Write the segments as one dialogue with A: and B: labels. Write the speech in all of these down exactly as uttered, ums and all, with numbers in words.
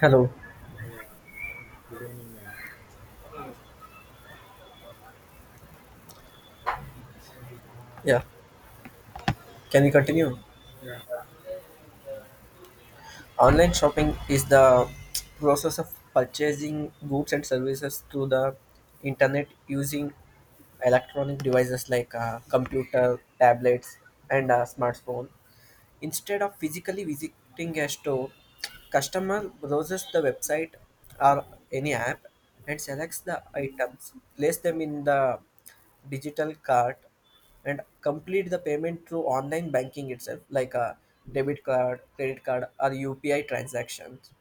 A: Hello.
B: Yeah, good evening, man.
A: Yeah, can we
B: Yeah,
A: continue?
B: yeah,
A: Online shopping is the process of purchasing goods and services through the internet using electronic devices like uh, computer, tablets, and uh, smartphone. Instead of physically visiting a store, customer browses the website or any app and selects the items, place them in the digital cart, and complete the payment through online banking itself, like a debit card, credit card, or U P I transactions.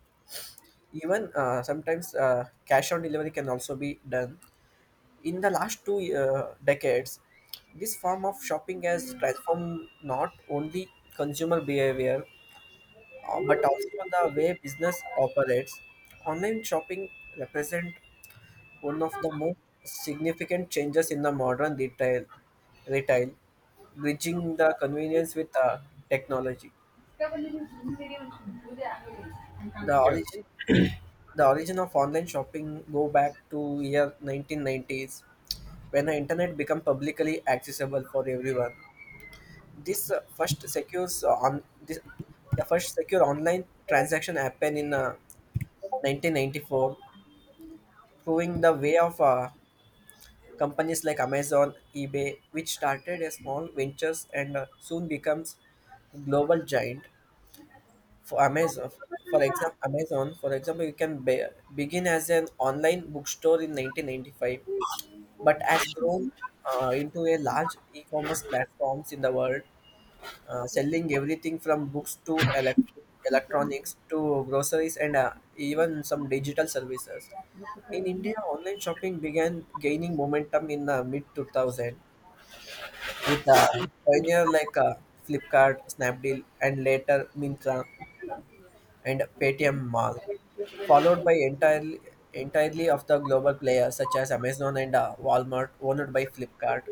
A: Even uh, sometimes uh, cash on delivery can also be done. In the last two uh, decades, this form of shopping has transformed not only consumer behavior uh, but also the way business operates. Online shopping represent one of the most significant changes in the modern retail, retail bridging the convenience with uh, technology. The
B: yeah,
A: origin, the origin of online shopping go back to year nineteen nineties when the internet became publicly accessible for everyone. This uh, first secures uh, on this the first secure online transaction happened in uh, nineteen ninety-four, proving the way of uh, companies like Amazon, eBay, which started as small ventures and uh, soon becomes global giant. For Amazon, for example, Amazon, for example, you can be- begin as an online bookstore in nineteen ninety-five, but has grown uh, into a large e-commerce platforms in the world, uh, selling everything from books to elect- electronics to groceries and uh, even some digital services. In India, online shopping began gaining momentum in the mid two thousand with uh, pioneer like uh, Flipkart, Snapdeal, and later Mintra and Paytm Mall, followed by entirely entirely of the global players such as Amazon and uh, Walmart owned by Flipkart.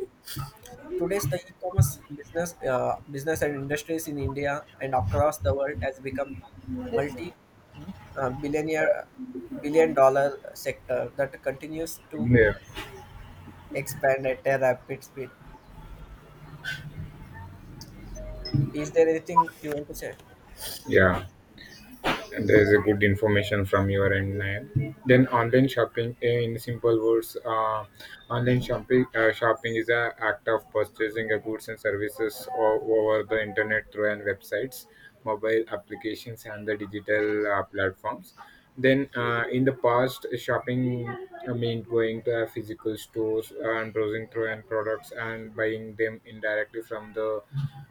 A: Today's the e-commerce business, uh, business and industries in India and across the world has become multi uh, billionaire billion dollar sector that continues to
B: yeah.
A: expand at a rapid speed. Is there anything you want to say?
B: yeah. There is a good information from your end, Nayan. Then online shopping, eh, in simple words, uh, online shopping uh, shopping is an act of purchasing a goods and services o- over the internet through and websites, mobile applications, and the digital uh, platforms. Then uh, in the past, shopping uh, meant going to a physical stores and browsing through and products and buying them indirectly from the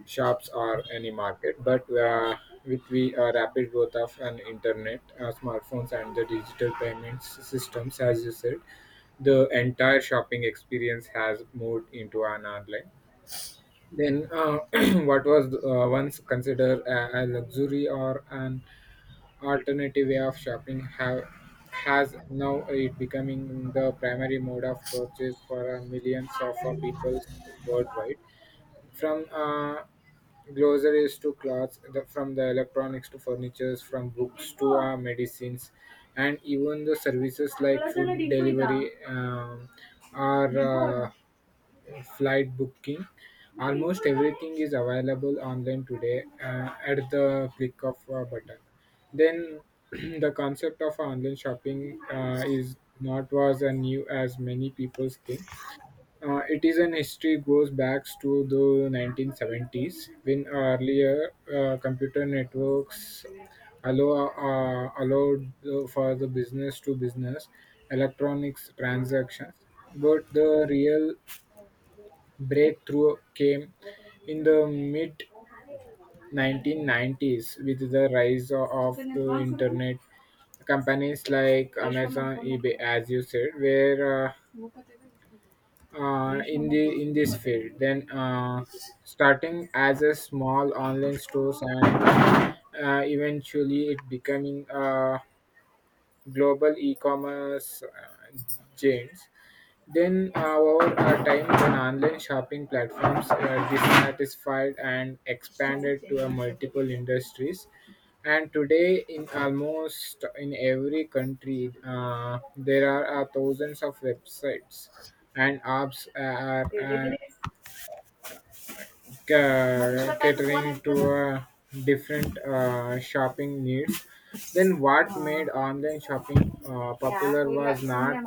B: shops or any market. But uh, with the uh, rapid growth of an internet, uh, smartphones, and the digital payments systems, as you said, the entire shopping experience has moved into an online. Then, uh, what was uh, once considered a, a luxury or an alternative way of shopping have has now it becoming the primary mode of purchase for uh, millions of uh, people worldwide, from uh, groceries to clothes, the, from the electronics to furnitures, from books to uh, medicines, and even the services like food delivery um, or uh, flight booking. Almost everything is available online today uh, at the click of a button. Then the concept of online shopping uh, is not was a new as many people think, uh, it is an history goes back to the nineteen seventies when earlier uh, computer networks allow, uh, allowed the, for the business to business electronics transactions. But the real breakthrough came in the mid nineteen nineties with the rise o- of the internet companies like Amazon, eBay, as you said, were uh, uh, in the in this field, then uh, starting as a small online stores and uh, eventually it becoming a global e-commerce uh, giants. Then our uh, time when online shopping platforms uh, dissatisfied and expanded to uh, multiple industries. And today, in almost in every country, uh, there are uh, thousands of websites and apps uh, are uh, ca- catering to uh, different uh, shopping needs. Then what made online shopping uh, popular was not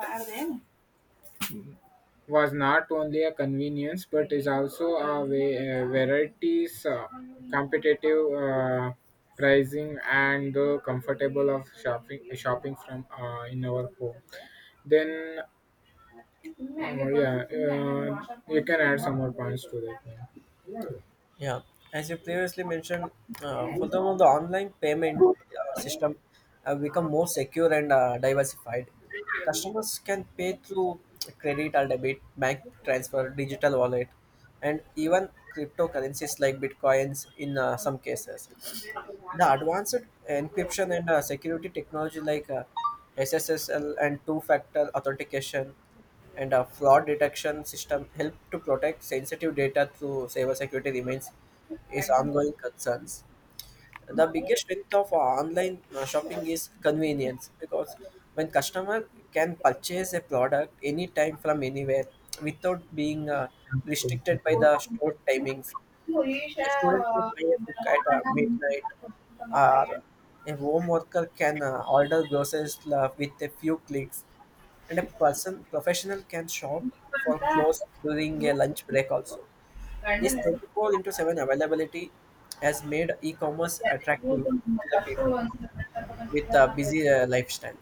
B: was not only a convenience but is also a way uh, varieties, uh, competitive uh, pricing, and the comfortable of shopping shopping from uh, in our home. Then uh, yeah, uh, you can add some more points to that.
A: Yeah, as you previously mentioned, uh, furthermore, the online payment uh, system have become more secure and uh, diversified. Customers can pay through credit or debit, bank transfer, digital wallet, and even cryptocurrencies like bitcoins in uh, some cases. The advanced encryption and uh, security technology like uh, S S L and two-factor authentication and a fraud detection system help to protect sensitive data through cybersecurity remains is ongoing concerns. The biggest strength of uh, online uh, shopping is convenience because when customer can purchase a product anytime from anywhere without being uh, restricted by
B: Yeah.
A: the store timings. Students can buy a book at uh, midnight, or a home worker can uh, order groceries uh, with a few clicks, and a person professional can shop for clothes during a lunch break also. This twenty-four into seven availability has made e-commerce attractive to the people with a busy uh, lifestyle.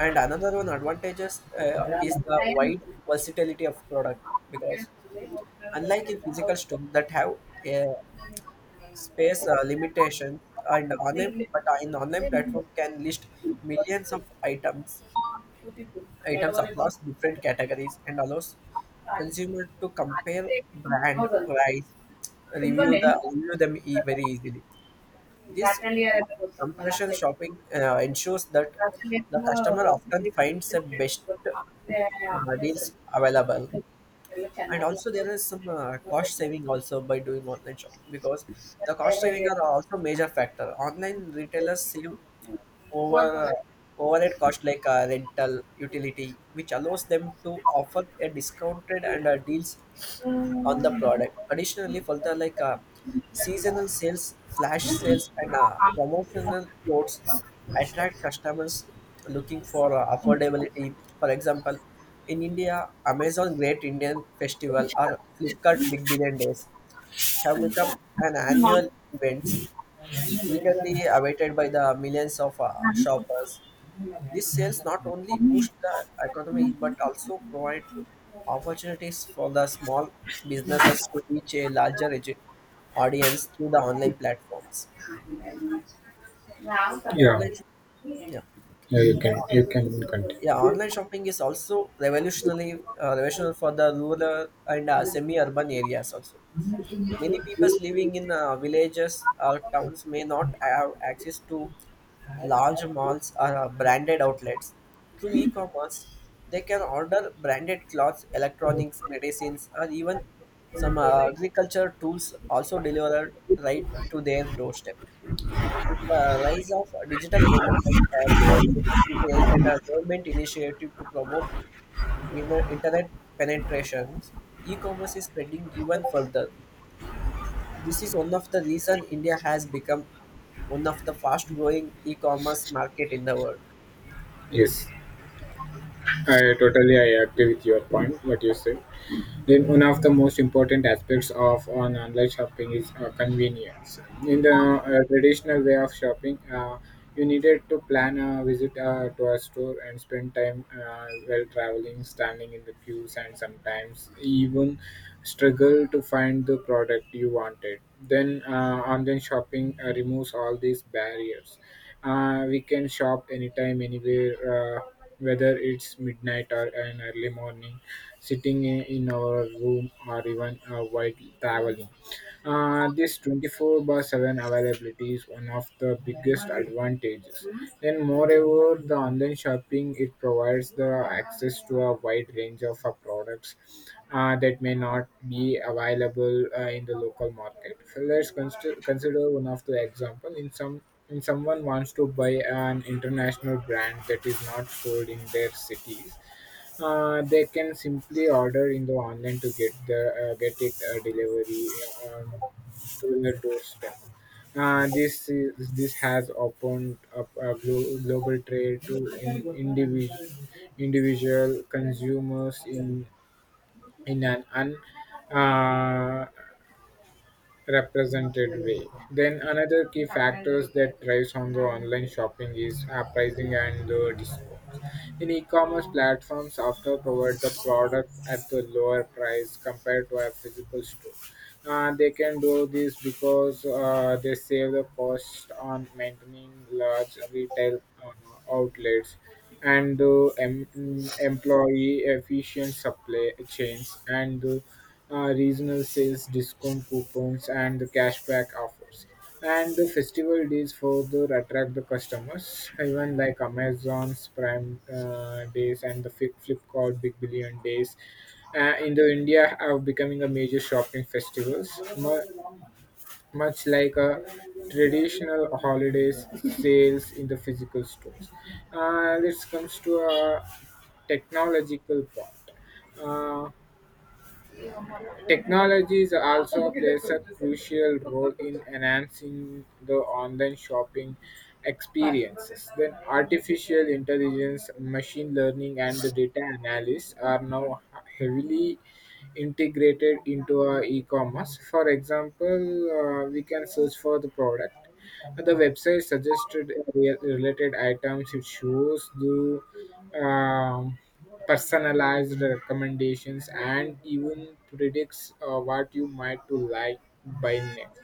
A: And another one advantages uh, is the wide versatility of product, because unlike in physical store that have a space uh, limitation and online, but uh, in online platform can list millions of items items across different categories and allows consumer to compare brand price, review the review them e- very easily. This comparison shopping uh, ensures that the customer often finds the best uh, deals available. And also there is some uh, cost saving also by doing online shopping, because the cost saving are also major factor. Online retailers save over uh, overhead cost like uh, rental utility, which allows them to offer a discounted and uh, deals on the product. Additionally, further like uh, seasonal sales, flash sales, and uh, promotional codes attract customers looking for uh, affordability. For example, in India, Amazon Great Indian Festival or Flipkart Big Billion Days have become an annual event eagerly awaited by the millions of uh, shoppers. These sales not only boost the economy but also provide opportunities for the small businesses to reach a larger edu- audience through the online platforms. The
B: Yeah,
A: online, yeah,
B: yeah, you can, you can continue.
A: yeah, Online shopping is also revolutionary, uh, revolutionary for the rural and uh, semi-urban areas also. Many people living in uh, villages or towns may not have access to large malls or uh, branded outlets. Through e commerce, they can order branded clothes, electronics, medicines, or even some uh, agriculture tools also delivered right to their doorstep. With the rise of digital payment like PayPal, U P I, and a government initiative to promote in- internet penetrations, e commerce is spreading even further. This is one of the reason India has become one of the fast growing e-commerce market in the world.
B: Yes, I totally I agree with your point. What you say? Then one of the most important aspects of on online shopping is uh, convenience. In the uh, traditional way of shopping, uh, you needed to plan a visit uh, to a store and spend time uh, while traveling, standing in the queues, and sometimes even struggle to find the product you wanted. Then uh, online shopping uh, removes all these barriers. Uh, we can shop anytime, anywhere, uh, whether it's midnight or an early morning sitting i- in our room, or even uh, while traveling. Uh, this twenty-four by seven availability is one of the biggest advantages. Then, moreover, the online shopping it provides the access to a wide range of uh, products uh, that may not be available uh, in the local market. So let's consider consider one of the example. In some, in someone wants to buy an international brand that is not sold in their cities, uh, they can simply order in the online to get the uh, get it uh, delivery on to their doorstep. Uh, this is this has opened up a glo- global trade to in, individual individual consumers in in an un, uh, represented way. Then another key factors that drives on the online shopping is app pricing and the discounts. In e-commerce platforms often provide the product at the lower price compared to a physical store. Uh, they can do this because uh, they save the cost on maintaining large retail uh, outlets and uh, em- mm, employee efficient supply chains and uh, uh, regional sales discount coupons and the cashback offers and the festival days further attract the customers, even like Amazon's Prime uh, days and the Flip- Flipkart Big Billion Days uh, in the India, are becoming a major shopping festivals, mu- much like a traditional holidays sales in the physical stores. Uh, this comes to a technological part. Uh, Technologies also plays a crucial role in enhancing the online shopping experiences. Then artificial intelligence, machine learning and the data analysis are now heavily integrated into our e-commerce. For example, uh, we can search for the product. The website suggested re- related items. It shows the um, personalized recommendations, and even predicts uh, what you might to like by next.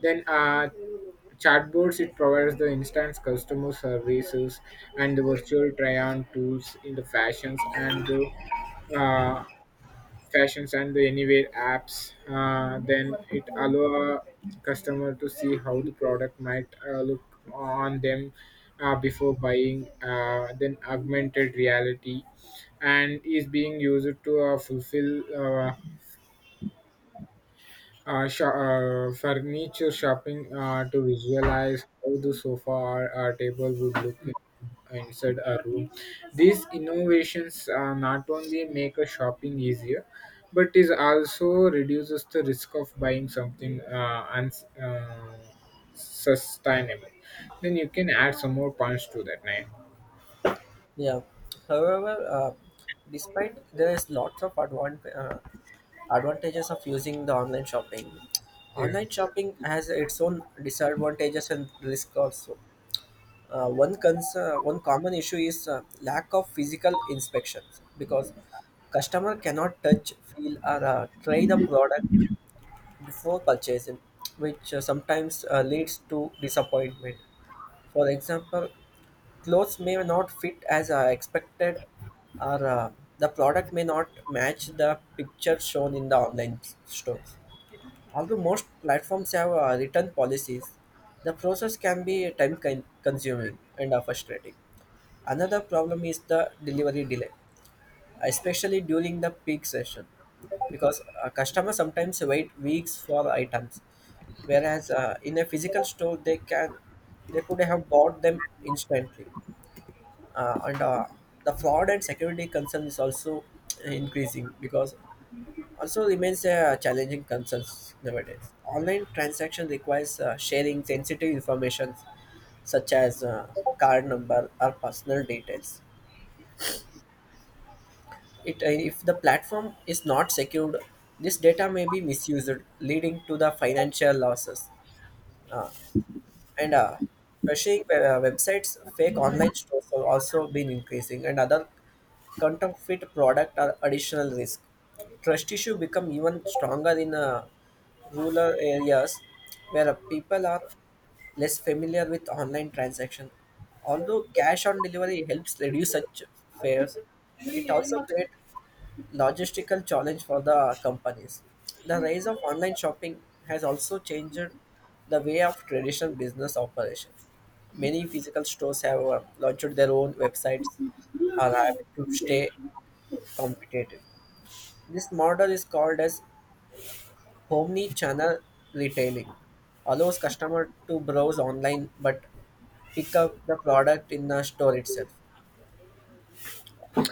B: Then uh, chatbots it provides the instant customer services and the virtual try-on tools in the fashions and the uh, fashions and the anywhere apps, uh, then it allow customer to see how the product might uh, look on them uh, before buying, uh, then augmented reality and is being used to uh, fulfill uh, uh, sh- uh, furniture shopping uh, to visualize how the sofa or a table would look in- inside a room. These innovations uh, not only make a shopping easier, but is also reduces the risk of buying something uh, uns- uh, sustainable. Then you can add some more points to that, right?
A: Yeah. However, uh, despite there is lots of advan- uh, advantages of using the online shopping,
B: Yeah.
A: online shopping has its own disadvantages and risk also. Uh, one concern, one common issue is uh, lack of physical inspections, because customer cannot touch, feel, or uh, try the product before purchasing, which uh, sometimes uh, leads to disappointment. For example, clothes may not fit as uh, expected, or uh, the product may not match the picture shown in the online stores. Although most platforms have uh, return policies, the process can be time con- consuming and uh, frustrating. Another problem is the delivery delay, especially during the peak session, because a customer sometimes wait weeks for items, whereas uh, in a physical store they can they could have bought them instantly. Uh, and uh, the fraud and security concern is also increasing, because also remains a challenging concerns nowadays. Online transaction requires uh, sharing sensitive information such as uh, card number or personal details. It uh, If the platform is not secured, this data may be misused, leading to the financial losses, and uh, phishing uh, websites, fake online stores have also been increasing, and other counterfeit product are additional risk. Trust issue become even stronger in uh, rural areas, where uh, people are less familiar with online transaction. Although cash on delivery helps reduce such fares, it also creates logistical challenge for the companies. The rise of online shopping has also changed the way of traditional business operation. Many physical stores have uh, launched their own websites or app to stay competitive. This model is called as omni-channel retailing. Allows customer to browse online but pick up the product in the store itself,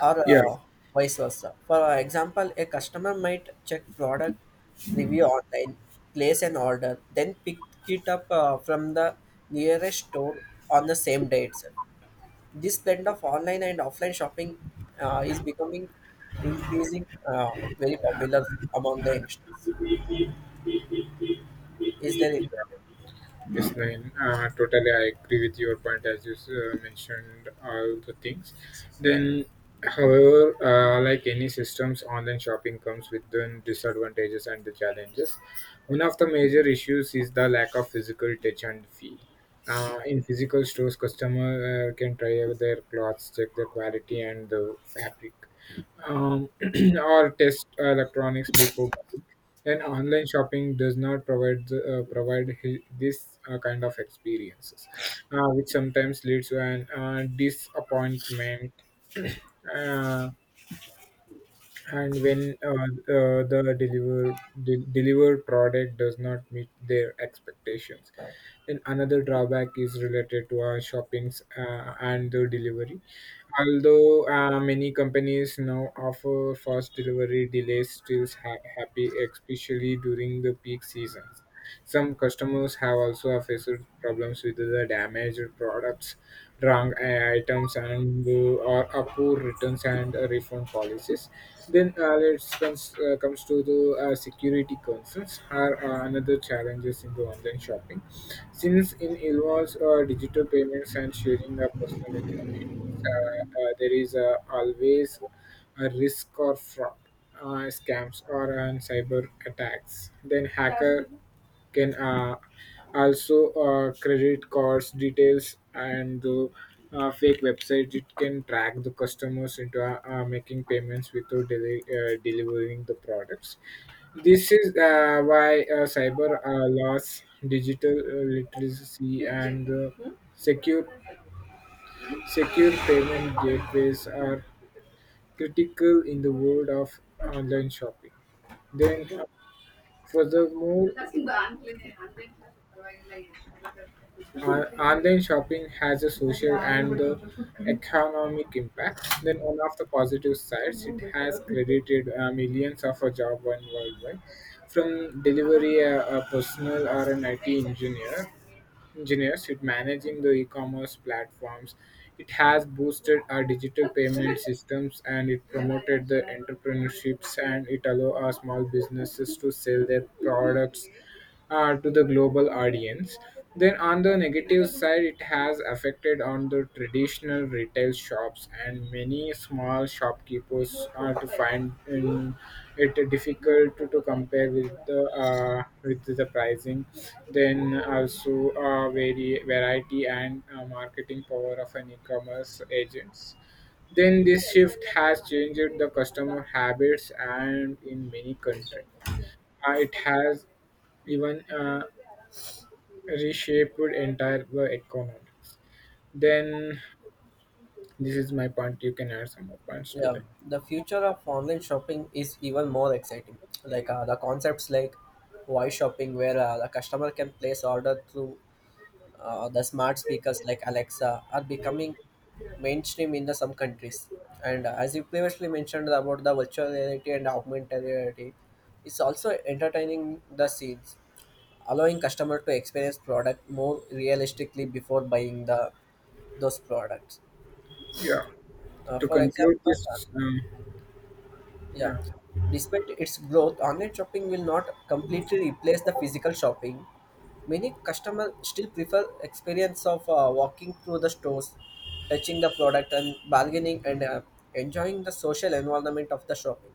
A: or
B: Yeah.
A: uh, vice versa. For example, a customer might check product review online, place an order, then pick it up uh, from the nearest store on the same day itself. This blend of online and offline shopping uh, is becoming increasing uh, very popular among the youngsters. Is there any-
B: Yes, Nayan. Uh, totally, I agree with your point as you uh, mentioned all the things. Then, however, uh, like any systems, online shopping comes with the disadvantages and the challenges. One of the major issues is the lack of physical touch and feel. Uh, in physical stores, customer uh, can try their clothes, check their quality and the fabric, um, or test uh, electronics before buying. And online shopping does not provide the, uh, provide hi- this uh, kind of experiences, uh, which sometimes leads to an uh, disappointment. Uh, and when uh, uh, the deliver de- delivered product does not meet their expectations, then another drawback is related to our shoppings uh, and the delivery. Although uh, many companies now offer fast delivery, delays still ha- happy, especially during the peak seasons, some customers have also faced problems with the damaged products, wrong items, and uh, or a poor returns and uh, refund policies. Then uh, let's comes uh, comes to the uh, security concerns are uh, another challenges in the online shopping, since it involves uh, digital payments and sharing of personal information. Uh, uh, there is uh, always a risk of fraud, uh, scams, or uh, cyber attacks. Then hacker can uh, also uh, credit cards details and the uh, fake websites it can track the customers into uh, uh, making payments without deli- uh, delivering the products. This is uh, why uh, cyber uh, laws, digital uh, literacy and uh, secure secure payment gateways are critical in the world of online shopping. Then uh, furthermore, on- online shopping has a social and uh, economic impact. Then, one of the positive sides, it has credited uh, millions of a job on worldwide, from delivery uh, a personal or an I T engineer engineers in managing the e-commerce platforms. It has boosted our digital payment systems and it promoted the entrepreneurships and it allow our small businesses to sell their products uh, to the global audience. Then on the negative side, it has affected on the traditional retail shops and many small shopkeepers are to find in it difficult to, to compare with the uh, with the pricing, then also uh, vari- variety and uh, marketing power of an e-commerce agents. Then this shift has changed the customer habits and in many countries, uh, it has even uh, reshaped entire the economics. Then this is my point, you can add some more points to
A: yeah,
B: that.
A: the future of online shopping is even more exciting. Like uh, the concepts like voice shopping, where uh, the customer can place order through uh, the smart speakers like Alexa are becoming mainstream in the some countries. And uh, as you previously mentioned about the virtual reality and augmented reality, it's also entertaining the scenes, allowing customer to experience product more realistically before buying the those products.
B: Yeah,
A: Uh,
B: to
A: for
B: conclude
A: example,
B: this, um,
A: Yeah.
B: yeah
A: Despite its growth, online shopping will not completely replace the physical shopping. Many customers still prefer experience of uh, walking through the stores, touching the product and bargaining and uh, enjoying the social environment of the shopping.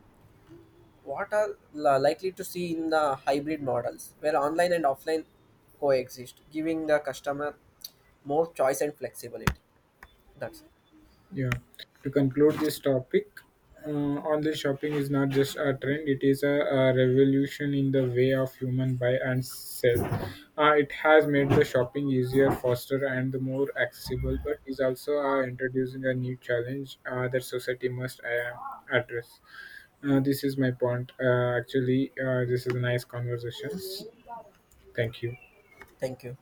A: What are la- likely to see in the hybrid models where online and offline coexist, giving the customer more choice and flexibility. That's
B: Yeah, to conclude this topic, uh, online shopping is not just a trend, it is a, a revolution in the way of human buy and sell. Uh, it has made the shopping easier, faster, and more accessible, but is also uh, introducing a new challenge uh, that society must uh, address. Uh, this is my point. Uh, actually, uh, this is a nice conversation. Thank you.
A: Thank you.